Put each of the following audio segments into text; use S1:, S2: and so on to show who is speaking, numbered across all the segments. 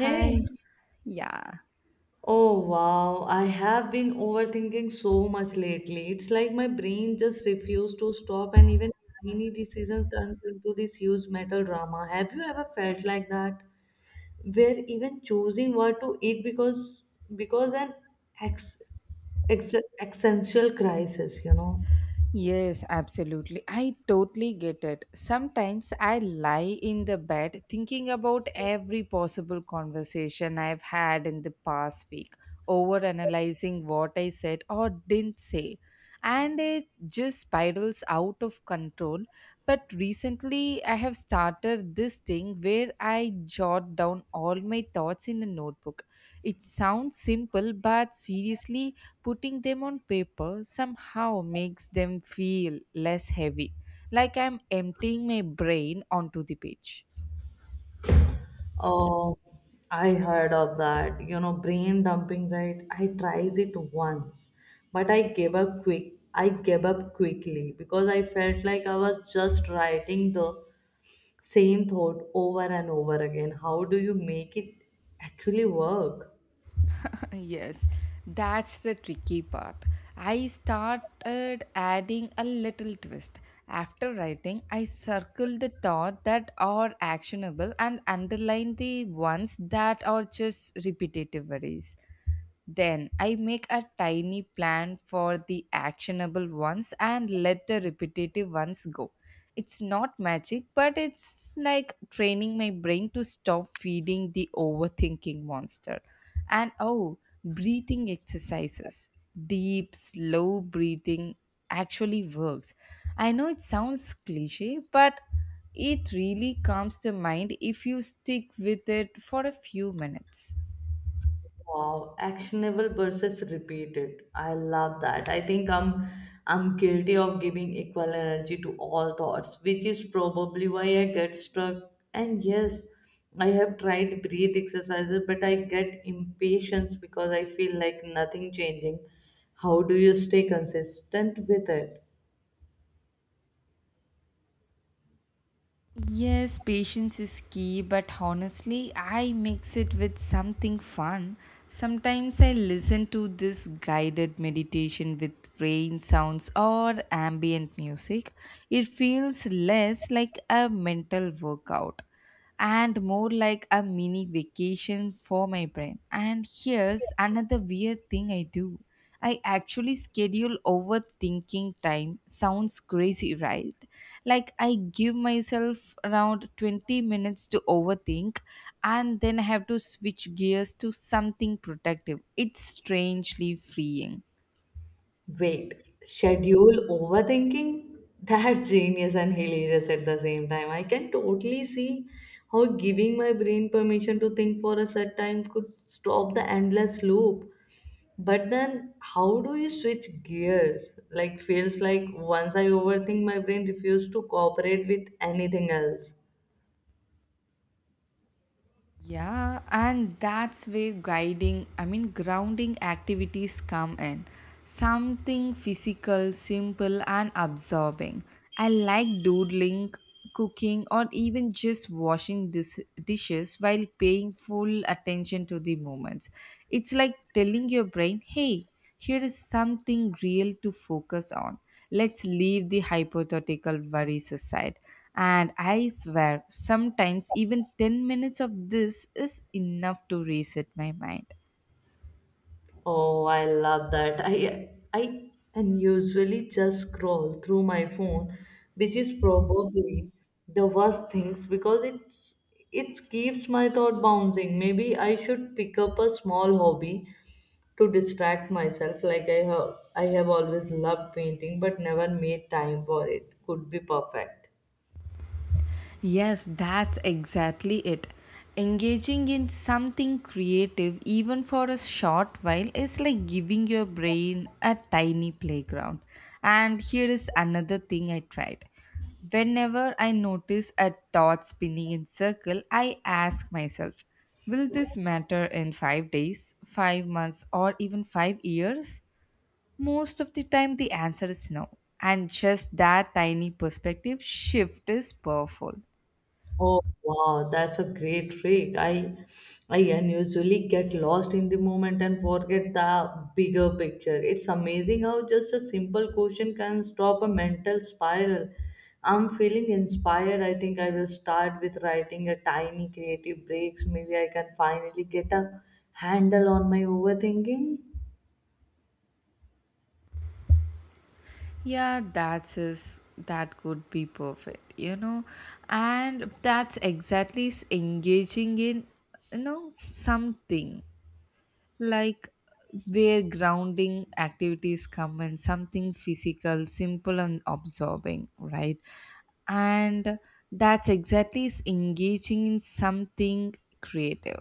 S1: Hi. Yeah.
S2: oh wow, I have been overthinking so much lately. It's like my brain just refused to stop, and even tiny decisions turns into this huge mental drama. Have you ever felt like that, where even choosing what to eat because an ex, ex, existential crisis, you know?
S1: Yes, absolutely. I totally get it. Sometimes I lie in the bed thinking about every possible conversation I've had in the past week, overanalyzing what I said or didn't say. And it just spirals out of control. But recently, I have started this thing where I jot down all my thoughts in a notebook. It sounds simple, but seriously, putting them on paper somehow makes them feel less heavy, like I'm emptying my brain onto the page.
S2: Oh, I heard of that. You know, brain dumping, right? I tried it once, but I gave up quickly because I felt like I was just writing the same thought over and over again. How do you make it actually work?
S1: Yes, that's the tricky part. I started adding a little twist. After writing, I circle the thought that are actionable and underline the ones that are just repetitive worries. Then I make a tiny plan for the actionable ones and let the repetitive ones go. It's not magic, but it's like training my brain to stop feeding the overthinking monster. And oh, breathing exercises, deep slow breathing, actually works. I know it sounds cliche, but it really calms the mind if you stick with it for a few minutes.
S2: Wow, actionable versus repeated. I love that. I think I'm guilty of giving equal energy to all thoughts, which is probably why I get stuck. And yes, I have tried breathe exercises, but I get impatience because I feel like nothing changing. How do you stay consistent with it?
S1: Yes, patience is key, but honestly, I mix it with something fun. Sometimes I listen to this guided meditation with rain sounds or ambient music. It feels less like a mental workout and more like a mini vacation for my brain. And here's another weird thing I do. I actually schedule overthinking time. Sounds crazy, right? Like, I give myself around 20 minutes to overthink and then I have to switch gears to something productive. It's strangely freeing.
S2: Wait, schedule overthinking? That's genius and hilarious at the same time. I can totally see how giving my brain permission to think for a set time could stop the endless loop. But then, how do you switch gears? Like, feels like once I overthink, my brain refuses to cooperate with anything else.
S1: Yeah, and that's where grounding activities come in. Something physical, simple, and absorbing. I like doodling, cooking, or even just washing dishes while paying full attention to the moments. It's like telling your brain, hey, here is something real to focus on. Let's leave the hypothetical worries aside. And I swear, sometimes even 10 minutes of this is enough to reset my mind.
S2: Oh, I love that. I and usually just scroll through my phone, which is probably the worst things because it keeps my thought bouncing. Maybe I should pick up a small hobby to distract myself. Like I have always loved painting but never made time for it. Could be perfect.
S1: Yes, that's exactly it. Engaging in something creative, even for a short while, is like giving your brain a tiny playground. And here is another thing I tried. Whenever I notice a thought spinning in circle, I ask myself, will this matter in 5 days, 5 months, or even 5 years? Most of the time the answer is no. And just that tiny perspective shift is powerful.
S2: Oh wow, that's a great trick. I unusually get lost in the moment and forget the bigger picture. It's amazing how just a simple question can stop a mental spiral. I'm feeling inspired. I think I will start with writing a tiny creative breaks. Maybe I can finally get a handle on my overthinking.
S1: Yeah, that's is that could be perfect, you know, and engaging in, you know, something like, where grounding activities come in, something physical, simple, and absorbing, right? And that's exactly is engaging in something creative.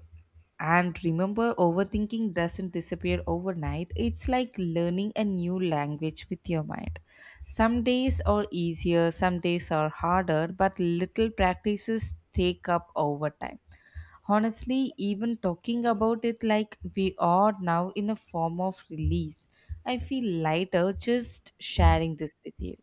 S1: And remember, overthinking doesn't disappear overnight. It's like learning a new language with your mind. Some days are easier, some days are harder, but little practices take up over time. Honestly, even talking about it like we are now in a form of release, I feel lighter just sharing this with you.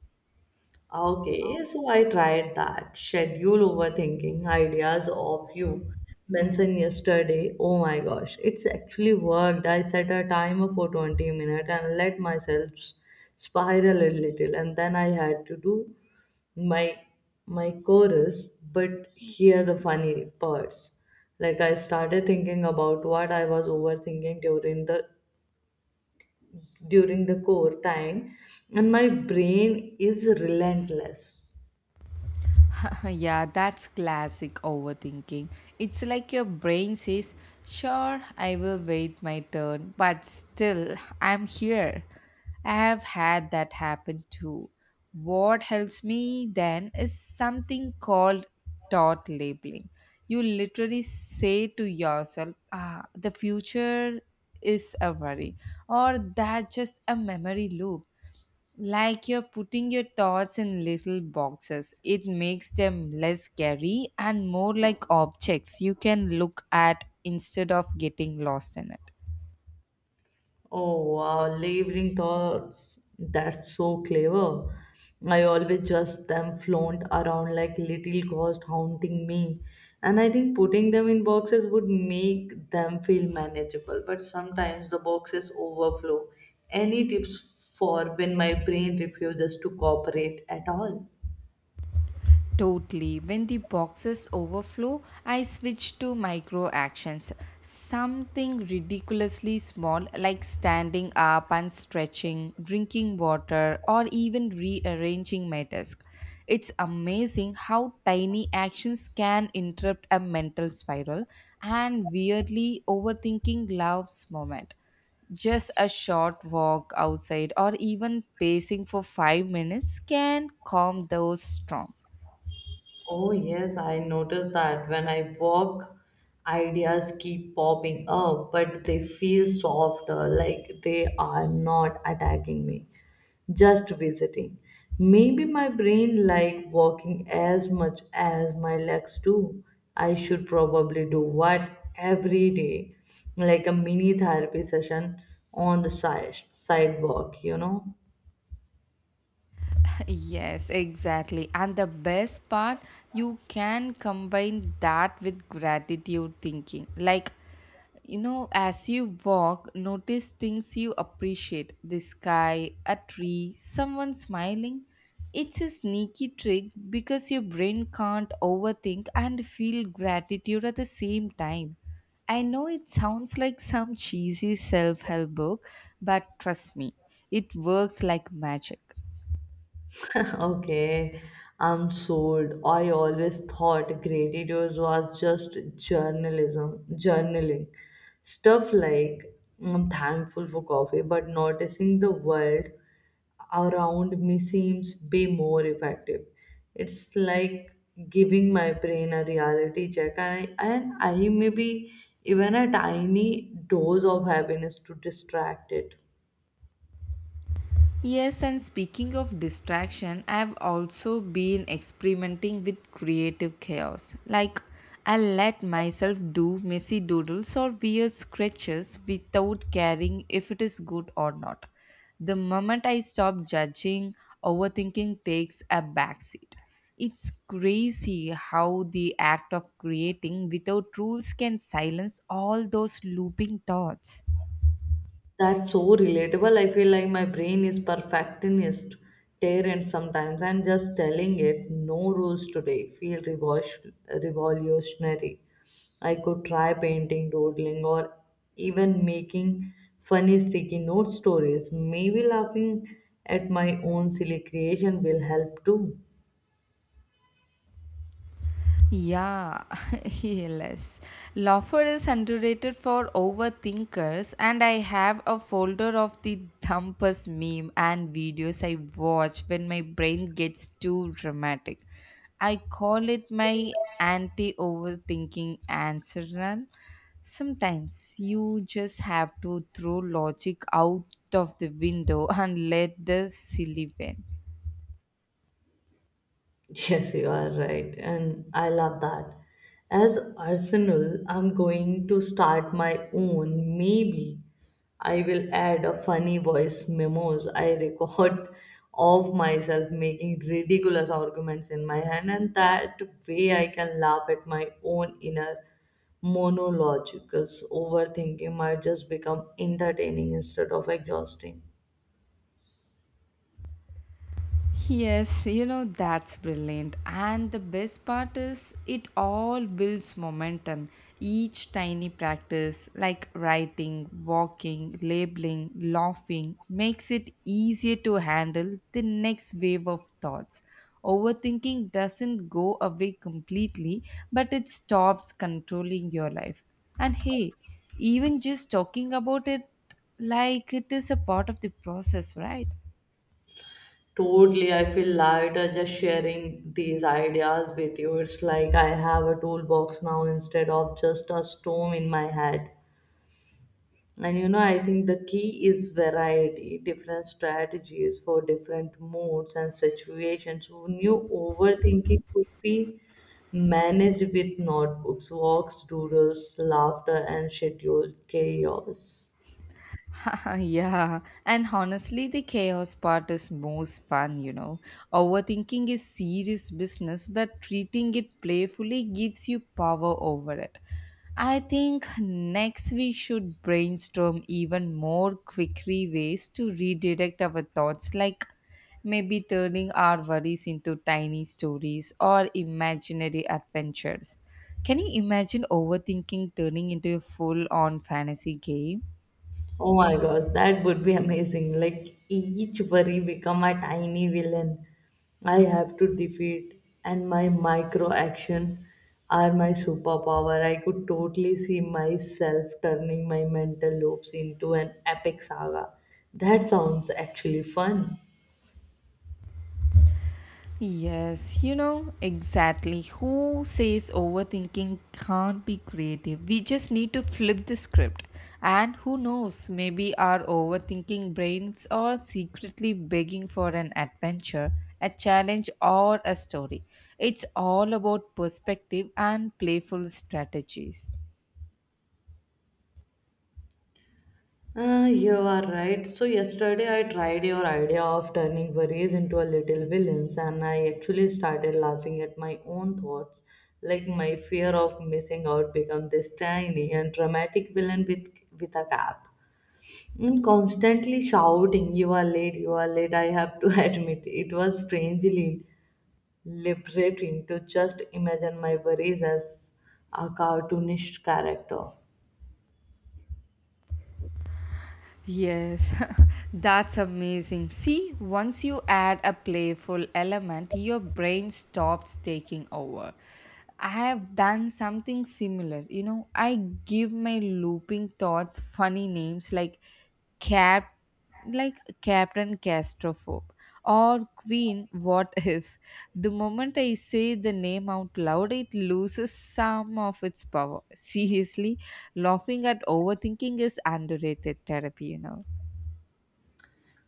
S2: Okay, so I tried that schedule overthinking ideas of you mentioned yesterday. Oh my gosh, it's actually worked. I set a timer for 20 minutes and let myself spiral a little, and then I had to do my my chorus. But here the funny parts. Like I started thinking about what I was overthinking during the core time, and my brain is relentless.
S1: Yeah, that's classic overthinking. It's like your brain says, sure, I will wait my turn, but still, I'm here. I have had that happen too. What helps me then is something called thought labeling. You literally say to yourself, ah, the future is a worry, or that just a memory loop, like you're putting your thoughts in little boxes. It makes them less scary and more like objects you can look at instead of getting lost in it.
S2: Oh wow, lingering thoughts. That's so clever. I always just them flaunt around like little ghosts haunting me. And I think putting them in boxes would make them feel manageable. But sometimes the boxes overflow. Any tips for when my brain refuses to cooperate at all?
S1: Totally. When the boxes overflow, I switch to micro actions. Something ridiculously small like standing up and stretching, drinking water, or even rearranging my desk. It's amazing how tiny actions can interrupt a mental spiral, and weirdly overthinking loves moment. Just a short walk outside or even pacing for 5 minutes can calm those storms.
S2: Oh, yes, I noticed that when I walk, ideas keep popping up, but they feel softer, like they are not attacking me, just visiting. Maybe my brain like walking as much as my legs do. I should probably do what every day, like a mini therapy session on the sidewalk, you know?
S1: Yes, exactly. And the best part, you can combine that with gratitude thinking. Like, you know, as you walk, notice things you appreciate, the sky, a tree, someone smiling. It's a sneaky trick because your brain can't overthink and feel gratitude at the same time. I know it sounds like some cheesy self help book, but trust me, it works like magic.
S2: Okay, I'm sold. I always thought gratitude was just journaling. Stuff like I'm thankful for coffee, but noticing the world around me seems be more effective. It's like giving my brain a reality check, and I may even a tiny dose of happiness to distract it.
S1: Yes, and speaking of distraction, I've also been experimenting with creative chaos. Like, I let myself do messy doodles or weird sketches without caring if it is good or not. The moment I stop judging, overthinking takes a backseat. It's crazy how the act of creating without rules can silence all those looping thoughts.
S2: That's so relatable. I feel like my brain is perfectionist, tyrant sometimes, and just telling it no rules today feel revolutionary. I could try painting, doodling, or even making funny sticky note stories. Maybe laughing at my own silly creation will help too.
S1: Yeah, yes. Laughter is underrated for overthinkers, and I have a folder of the dumbest meme and videos I watch when my brain gets too dramatic. I call it my anti overthinking answer run. Sometimes you just have to throw logic out of the window and let the silly win.
S2: Yes, you are right, and I love that. As Arsenal, I'm going to start my own. Maybe I will add a funny voice memos I record of myself making ridiculous arguments in my hand, and that way I can laugh at my own inner monologues. Overthinking might just become entertaining instead of exhausting.
S1: Yes, you know, that's brilliant. And the best part is it all builds momentum. Each tiny practice, like writing, walking, labeling, laughing, makes it easier to handle the next wave of thoughts. Overthinking doesn't go away completely, but it stops controlling your life. And hey, even just talking about it like it is a part of the process, right?
S2: Totally, I feel lighter just sharing these ideas with you. It's like I have a toolbox now instead of just a storm in my head. And you know, I think the key is variety, different strategies for different moods and situations. Who knew overthinking could be managed with notebooks, walks, doodles, laughter, and scheduled chaos?
S1: Yeah, and honestly, the chaos part is most fun, you know. Overthinking is serious business, but treating it playfully gives you power over it. I think next we should brainstorm even more quickly ways to redirect our thoughts, like maybe turning our worries into tiny stories or imaginary adventures. Can you imagine overthinking turning into a full on fantasy game?
S2: Oh my gosh, that would be amazing. Like each worry become a tiny villain I have to defeat and my micro action are my superpower. I could totally see myself turning my mental loops into an epic saga. That sounds actually fun.
S1: Yes, you know exactly. Who says overthinking can't be creative? We just need to flip the script. And who knows, maybe our overthinking brains are secretly begging for an adventure, a challenge, or a story. It's all about perspective and playful strategies.
S2: You are right. So, yesterday I tried your idea of turning worries into a little villains, and I actually started laughing at my own thoughts. Like, my fear of missing out become this tiny and dramatic villain with a cap. And constantly shouting, you are late, you are late. I have to admit, it was strangely liberating to just imagine my worries as a cartoonish character.
S1: Yes, that's amazing. See, once you add a playful element, your brain stops taking over. I have done something similar. You know, I give my looping thoughts funny names like cat like Captain Castrophobe or Queen What If. The moment I say the name out loud, it loses some of its power. Seriously, laughing at overthinking is underrated therapy, you know.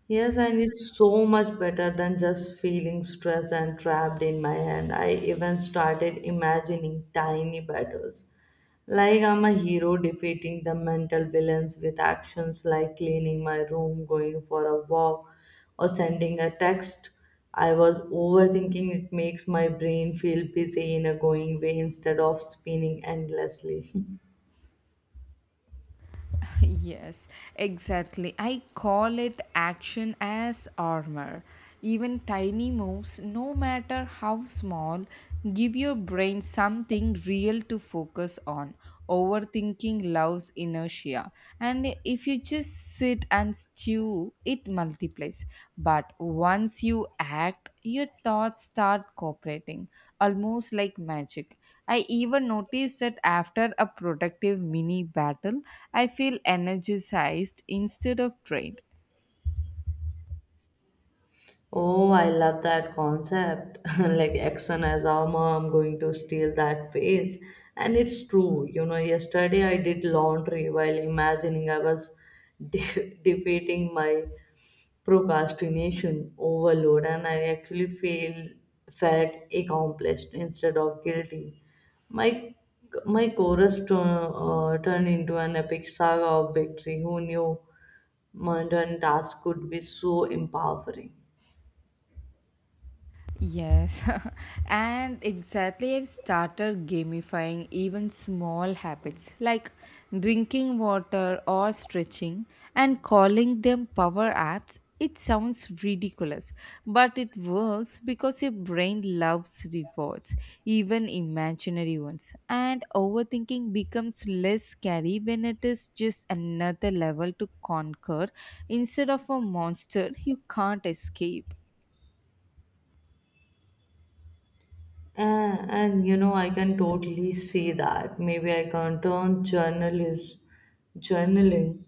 S2: Yes, and it's so much better than just feeling stressed and trapped in my head. I even started imagining tiny battles. Like I'm a hero defeating the mental villains with actions like cleaning my room, going for a walk, or sending a text. I was overthinking, it makes my brain feel busy in a going way instead of spinning endlessly.
S1: Yes, exactly. I call it action as armor. Even tiny moves, no matter how small, give your brain something real to focus on. Overthinking loves inertia. And if you just sit and stew, it multiplies. But once you act, your thoughts start cooperating, almost like magic. I even noticed that after a productive mini battle, I feel energized instead of drained.
S2: Oh, I love that concept. Like action as armor, I'm going to steal that face. And it's true. You know, yesterday I did laundry while imagining I was defeating my procrastination overload, and I actually feel felt accomplished instead of guilty. My my chorus turned into an epic saga of victory. Who knew mundane tasks could be so empowering?
S1: Yes, and exactly, I've started gamifying even small habits like drinking water or stretching and calling them power apps. It sounds ridiculous, but it works because your brain loves rewards, even imaginary ones. And overthinking becomes less scary when it is just another level to conquer instead of a monster you can't escape.
S2: And you know, I can totally see that. Maybe I can turn journalist journaling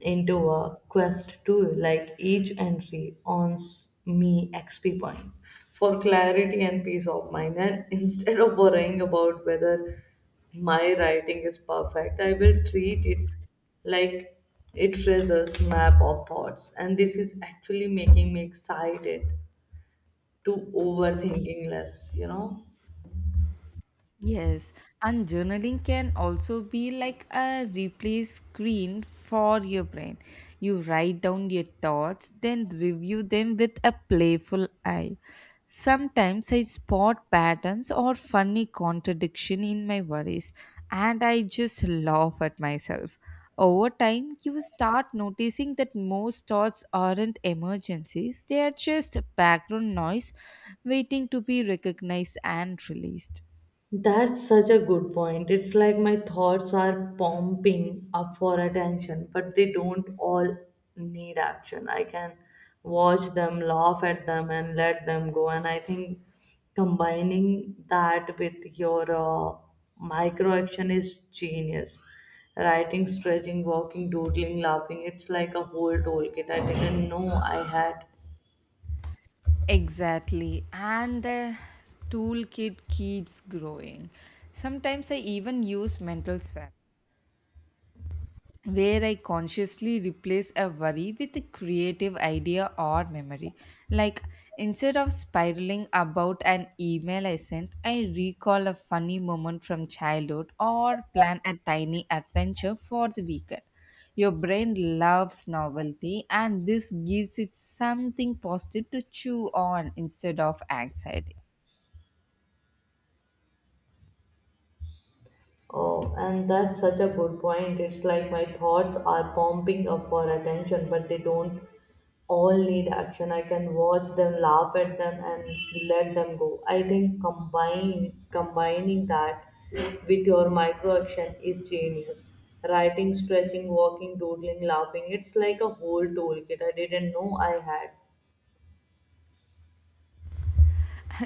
S2: into a quest tool, like each entry earns me XP point for clarity and peace of mind. And instead of worrying about whether my writing is perfect, I will treat it like it traces map of thoughts. And this is actually making me excited to overthinking less, you know.
S1: Yes, and journaling can also be like a replay screen for your brain. You write down your thoughts, then review them with a playful eye. Sometimes I spot patterns or funny contradiction in my worries, and I just laugh at myself. Over time, you start noticing that most thoughts aren't emergencies, they are just background noise waiting to be recognized and released.
S2: That's such a good point. It's like my thoughts are pumping up for attention, but they don't all need action. I can watch them, laugh at them, and let them go. And I think combining that with your micro action is genius. Writing, stretching, walking, doodling, laughing. It's like a whole toolkit I didn't know I had.
S1: Exactly. And the toolkit keeps growing. Sometimes I even use mental swap where I consciously replace a worry with a creative idea or memory. Like instead of spiraling about an email I sent, I recall a funny moment from childhood or plan a tiny adventure for the weekend. Your brain loves novelty, and this gives it something positive to chew on instead of anxiety.
S2: Oh, and that's such a good point. It's like my thoughts are pumping up for attention, but they don't all need action. I can watch them, laugh at them, and let them go. I think combine combining that with your micro action is genius. Writing, stretching, walking, doodling, laughing. It's like a whole toolkit I didn't know I had.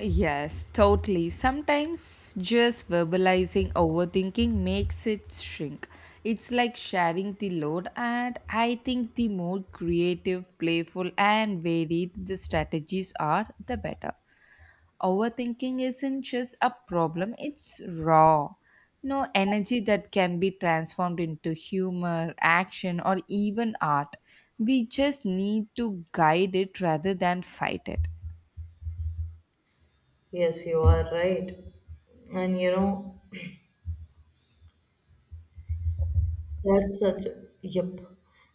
S1: Yes, totally. Sometimes just verbalizing overthinking makes it shrink. It's like sharing the load, and I think the more creative, playful, and varied the strategies are, the better. Overthinking isn't just a problem, it's raw. You know, energy that can be transformed into humor, action, or even art. We just need to guide it rather than fight it.
S2: Yes, you are right. And you know, that's such, yep.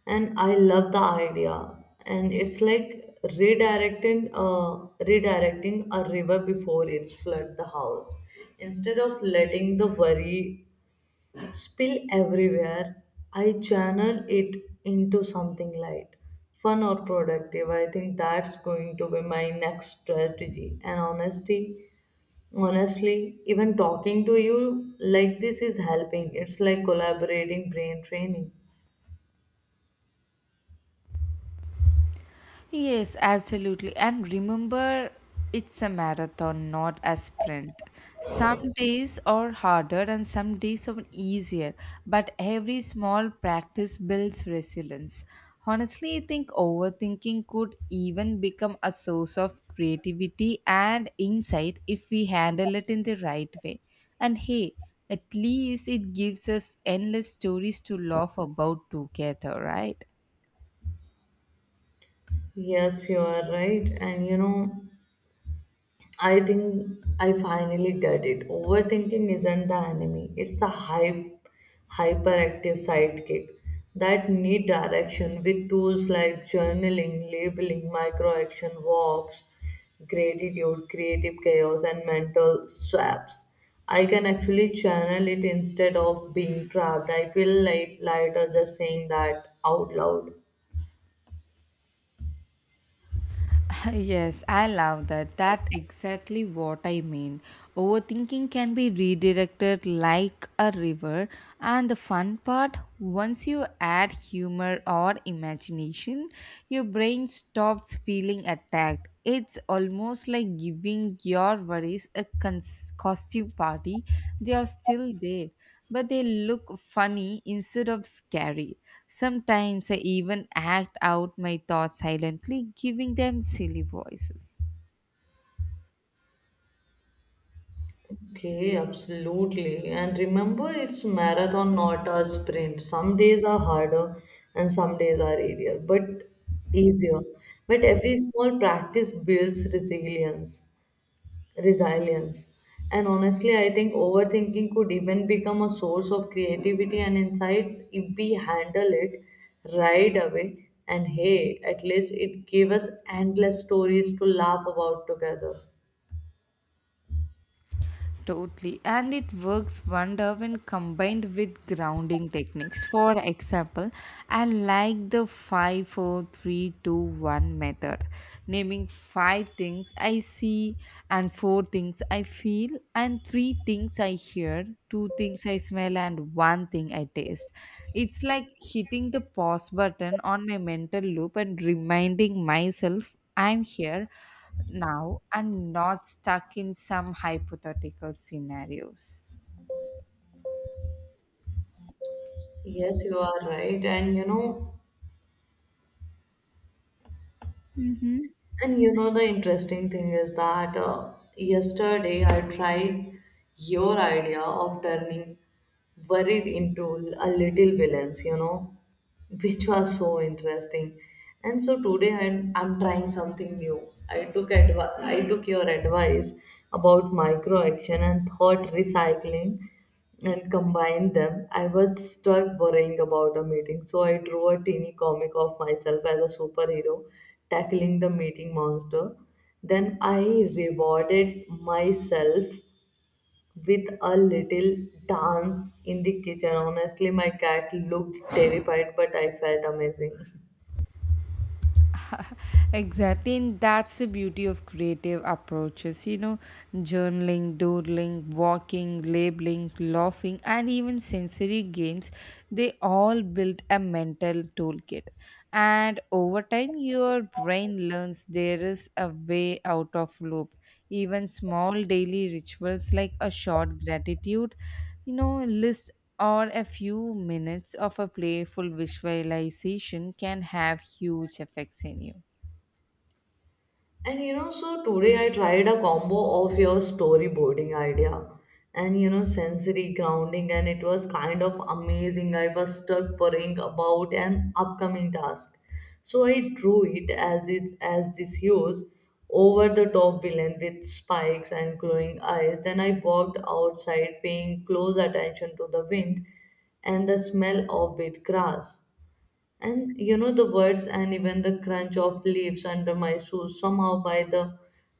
S2: And I love the idea. And it's like redirecting a river before it's flood the house. Instead of letting the worry spill everywhere, I channel it into something light, fun or productive. I think that's going to be my next strategy. And honesty honestly, even talking to you like this is helping. It's like collaborating brain training.
S1: Yes, absolutely. And remember, it's a marathon, not a sprint. Some days are harder and some days are easier, but every small practice builds resilience. Honestly, I think overthinking could even become a source of creativity and insight if we handle it in the right way. And hey, at least it gives us endless stories to laugh about together, right?
S2: Yes, you are right. And you know, I think I finally get it. Overthinking isn't the enemy, it's a hyperactive sidekick that need direction with tools like journaling, labeling, micro action, walks, gratitude, creative chaos, and mental swaps. I can actually channel it instead of being trapped. I feel like lighter just saying that out loud.
S1: Yes, I love that. That exactly what I mean. Overthinking can be redirected like a river, and the fun part, once you add humor or imagination, your brain stops feeling attacked. It's almost like giving your worries a costume party. They are still there, but they look funny instead of scary. Sometimes I even act out my thoughts silently, giving them silly voices.
S2: Okay, absolutely. And remember, it's marathon, not a sprint. Some days are harder and some days are easier. But every small practice builds resilience. And honestly, I think overthinking could even become a source of creativity and insights if we handle it right away. And hey, at least it gave us endless stories to laugh about together.
S1: Totally. And it works wonder when combined with grounding techniques. For example, I like the five, four, three, two, one method, naming 5 things I see, and 4 things I feel, and 3 things I hear, 2 things I smell, and 1 thing I taste. It's like hitting the pause button on my mental loop and reminding myself I'm here now and not stuck in some hypothetical scenarios.
S2: Yes, you are right. And you know, the interesting thing is that yesterday I tried your idea of turning worried into a little villains, you know, which was so interesting. And so today I'm trying something new. I took your advice about micro action and thought recycling and combined them. I was stuck worrying about a meeting, so I drew a teeny comic of myself as a superhero tackling the meeting monster. Then I rewarded myself with a little dance in the kitchen. Honestly, my cat looked terrified, but I felt amazing.
S1: Exactly, and that's the beauty of creative approaches. You know, journaling, doodling, walking, labeling, laughing, and even sensory games, they all build a mental toolkit. And over time, your brain learns there is a way out of loop. Even small daily rituals like a short gratitude, you know, list or a few minutes of a playful visualization can have huge effects in you.
S2: And you know, so today I tried a combo of your storyboarding idea and, you know, sensory grounding, and it was kind of amazing. I was stuck worrying about an upcoming task, so I drew it as this huge, over-the-top villain with spikes and glowing eyes. Then I walked outside, paying close attention to the wind and the smell of wet grass. And you know, the words and even the crunch of leaves under my shoes. Somehow, by the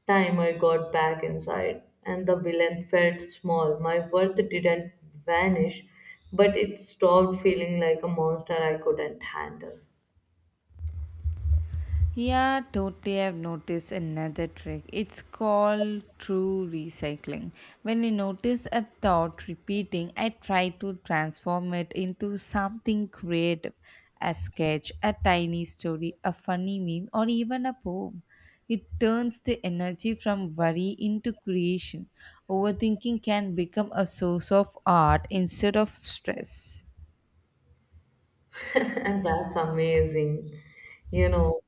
S2: time I got back inside, and the villain felt small, my worth didn't vanish, but it stopped feeling like a monster I couldn't handle.
S1: Yeah, totally. I've noticed another trick. It's called true recycling. When I notice a thought repeating, I try to transform it into something creative, a sketch, a tiny story, a funny meme, or even a poem. It turns the energy from worry into creation. Overthinking can become a source of art instead of stress.
S2: And that's amazing. You know,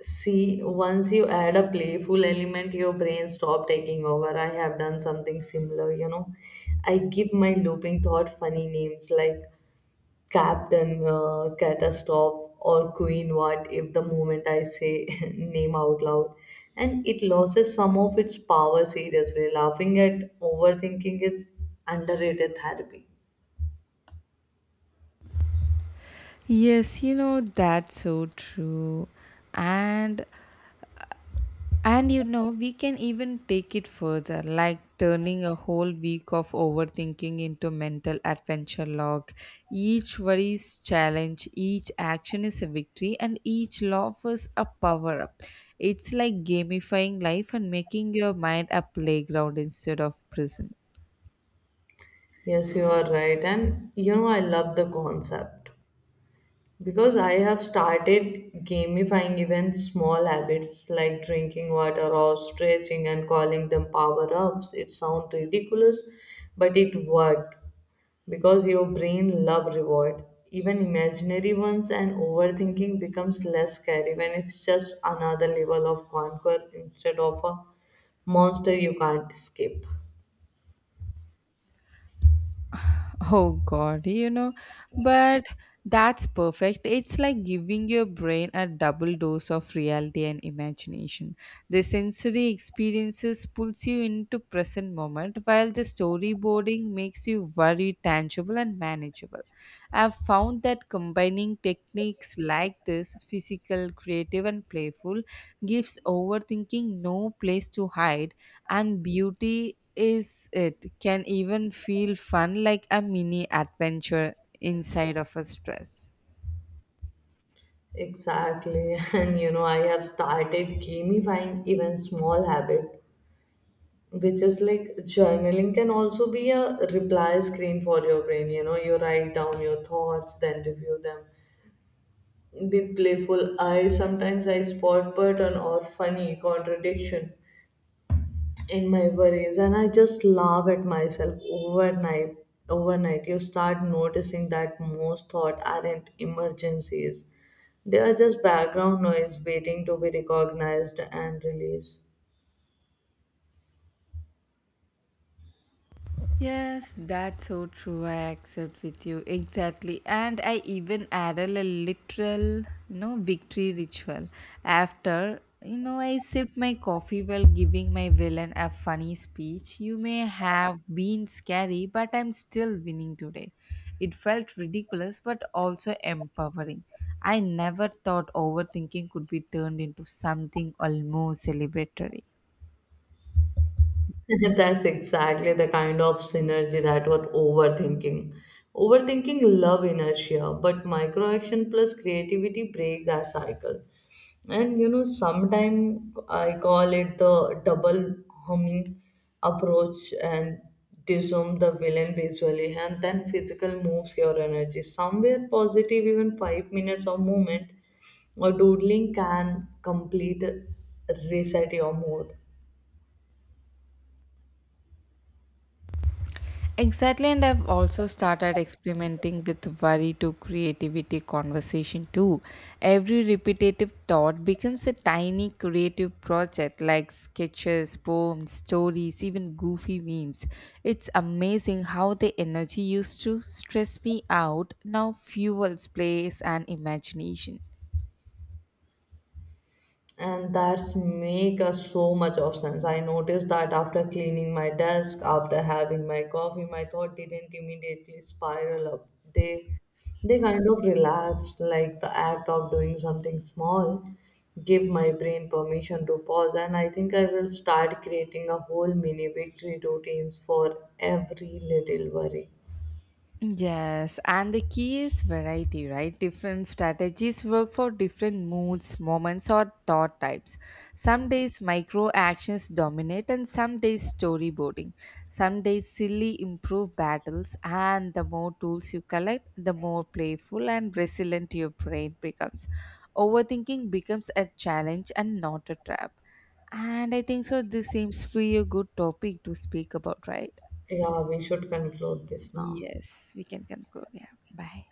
S2: see, once you add a playful element, your brain stop taking over. I have done something similar, you know. I give my looping thought funny names like Captain Catastrophe or Queen What if the moment I say name out loud. And it loses some of its power seriously. Laughing at overthinking is underrated therapy.
S1: Yes, you know, that's so true. And And you know, we can even take it further, like turning a whole week of overthinking into mental adventure log. Each worry is challenge, each action is a victory, and each laugh is a power up. It's like gamifying life and making your mind a playground instead of prison.
S2: Yes, you are right. And you know, I love the concept because I have started gamifying even small habits like drinking water or stretching and calling them power ups. It sounds ridiculous, but it worked, because your brain love reward even imaginary ones and overthinking becomes less scary when it's just another level of conquer instead of a monster you can't escape.
S1: Oh God, you know, but that's perfect. It's like giving your brain a double dose of reality and imagination. The sensory experiences pulls you into present moment while the storyboarding makes you very tangible and manageable. I've found that combining techniques like this, physical, creative and playful, gives overthinking no place to hide, and beauty is it can even feel fun like a mini adventure inside of a stress.
S2: Exactly. And you know, I have started gamifying even small habit, which is like journaling can also be a reply screen for your brain, you know. You write down your thoughts then review them with playful eyes. Sometimes I spot pattern or funny contradiction in my worries and I just laugh at myself. Overnight you start noticing that most thought aren't emergencies, they are just background noise waiting to be recognized and released.
S1: Yes, that's so true. I accept with you exactly. And I even added a literal, you know, victory ritual after. You know, I sipped my coffee while giving my villain a funny speech. You may have been scary, but I'm still winning today. It felt ridiculous, but also empowering. I never thought overthinking could be turned into something almost celebratory.
S2: That's exactly the kind of synergy that what overthinking. Overthinking love inertia, but micro action plus creativity break that cycle. And you know, sometimes I call it the double humming approach, and disarm the villain visually and then physical moves your energy. Somewhere positive, even 5 minutes of movement or doodling can complete reset your mood.
S1: Exactly, and I've also started experimenting with worry to creativity conversation too. Every repetitive thought becomes a tiny creative project like sketches, poems, stories, even goofy memes. It's amazing how the energy used to stress me out now fuels plays and imagination.
S2: And that's make us so much of sense. I noticed that after cleaning my desk, after having my coffee, my thought didn't immediately spiral up, they they kind of relaxed. Like the act of doing something small give my brain permission to pause, and I think I will start creating a whole mini victory routines for every little worry.
S1: Yes, and the key is variety, right? Different strategies work for different moods, moments, or thought types. Some days micro actions dominate, and some days storyboarding. Some days silly improve battles, and the more tools you collect, the more playful and resilient your brain becomes. Overthinking becomes a challenge and not a trap. And I think so, this seems to be a good topic to speak about, right?
S2: Yeah, we should conclude this now.
S1: Yes, we can conclude. Yeah, bye.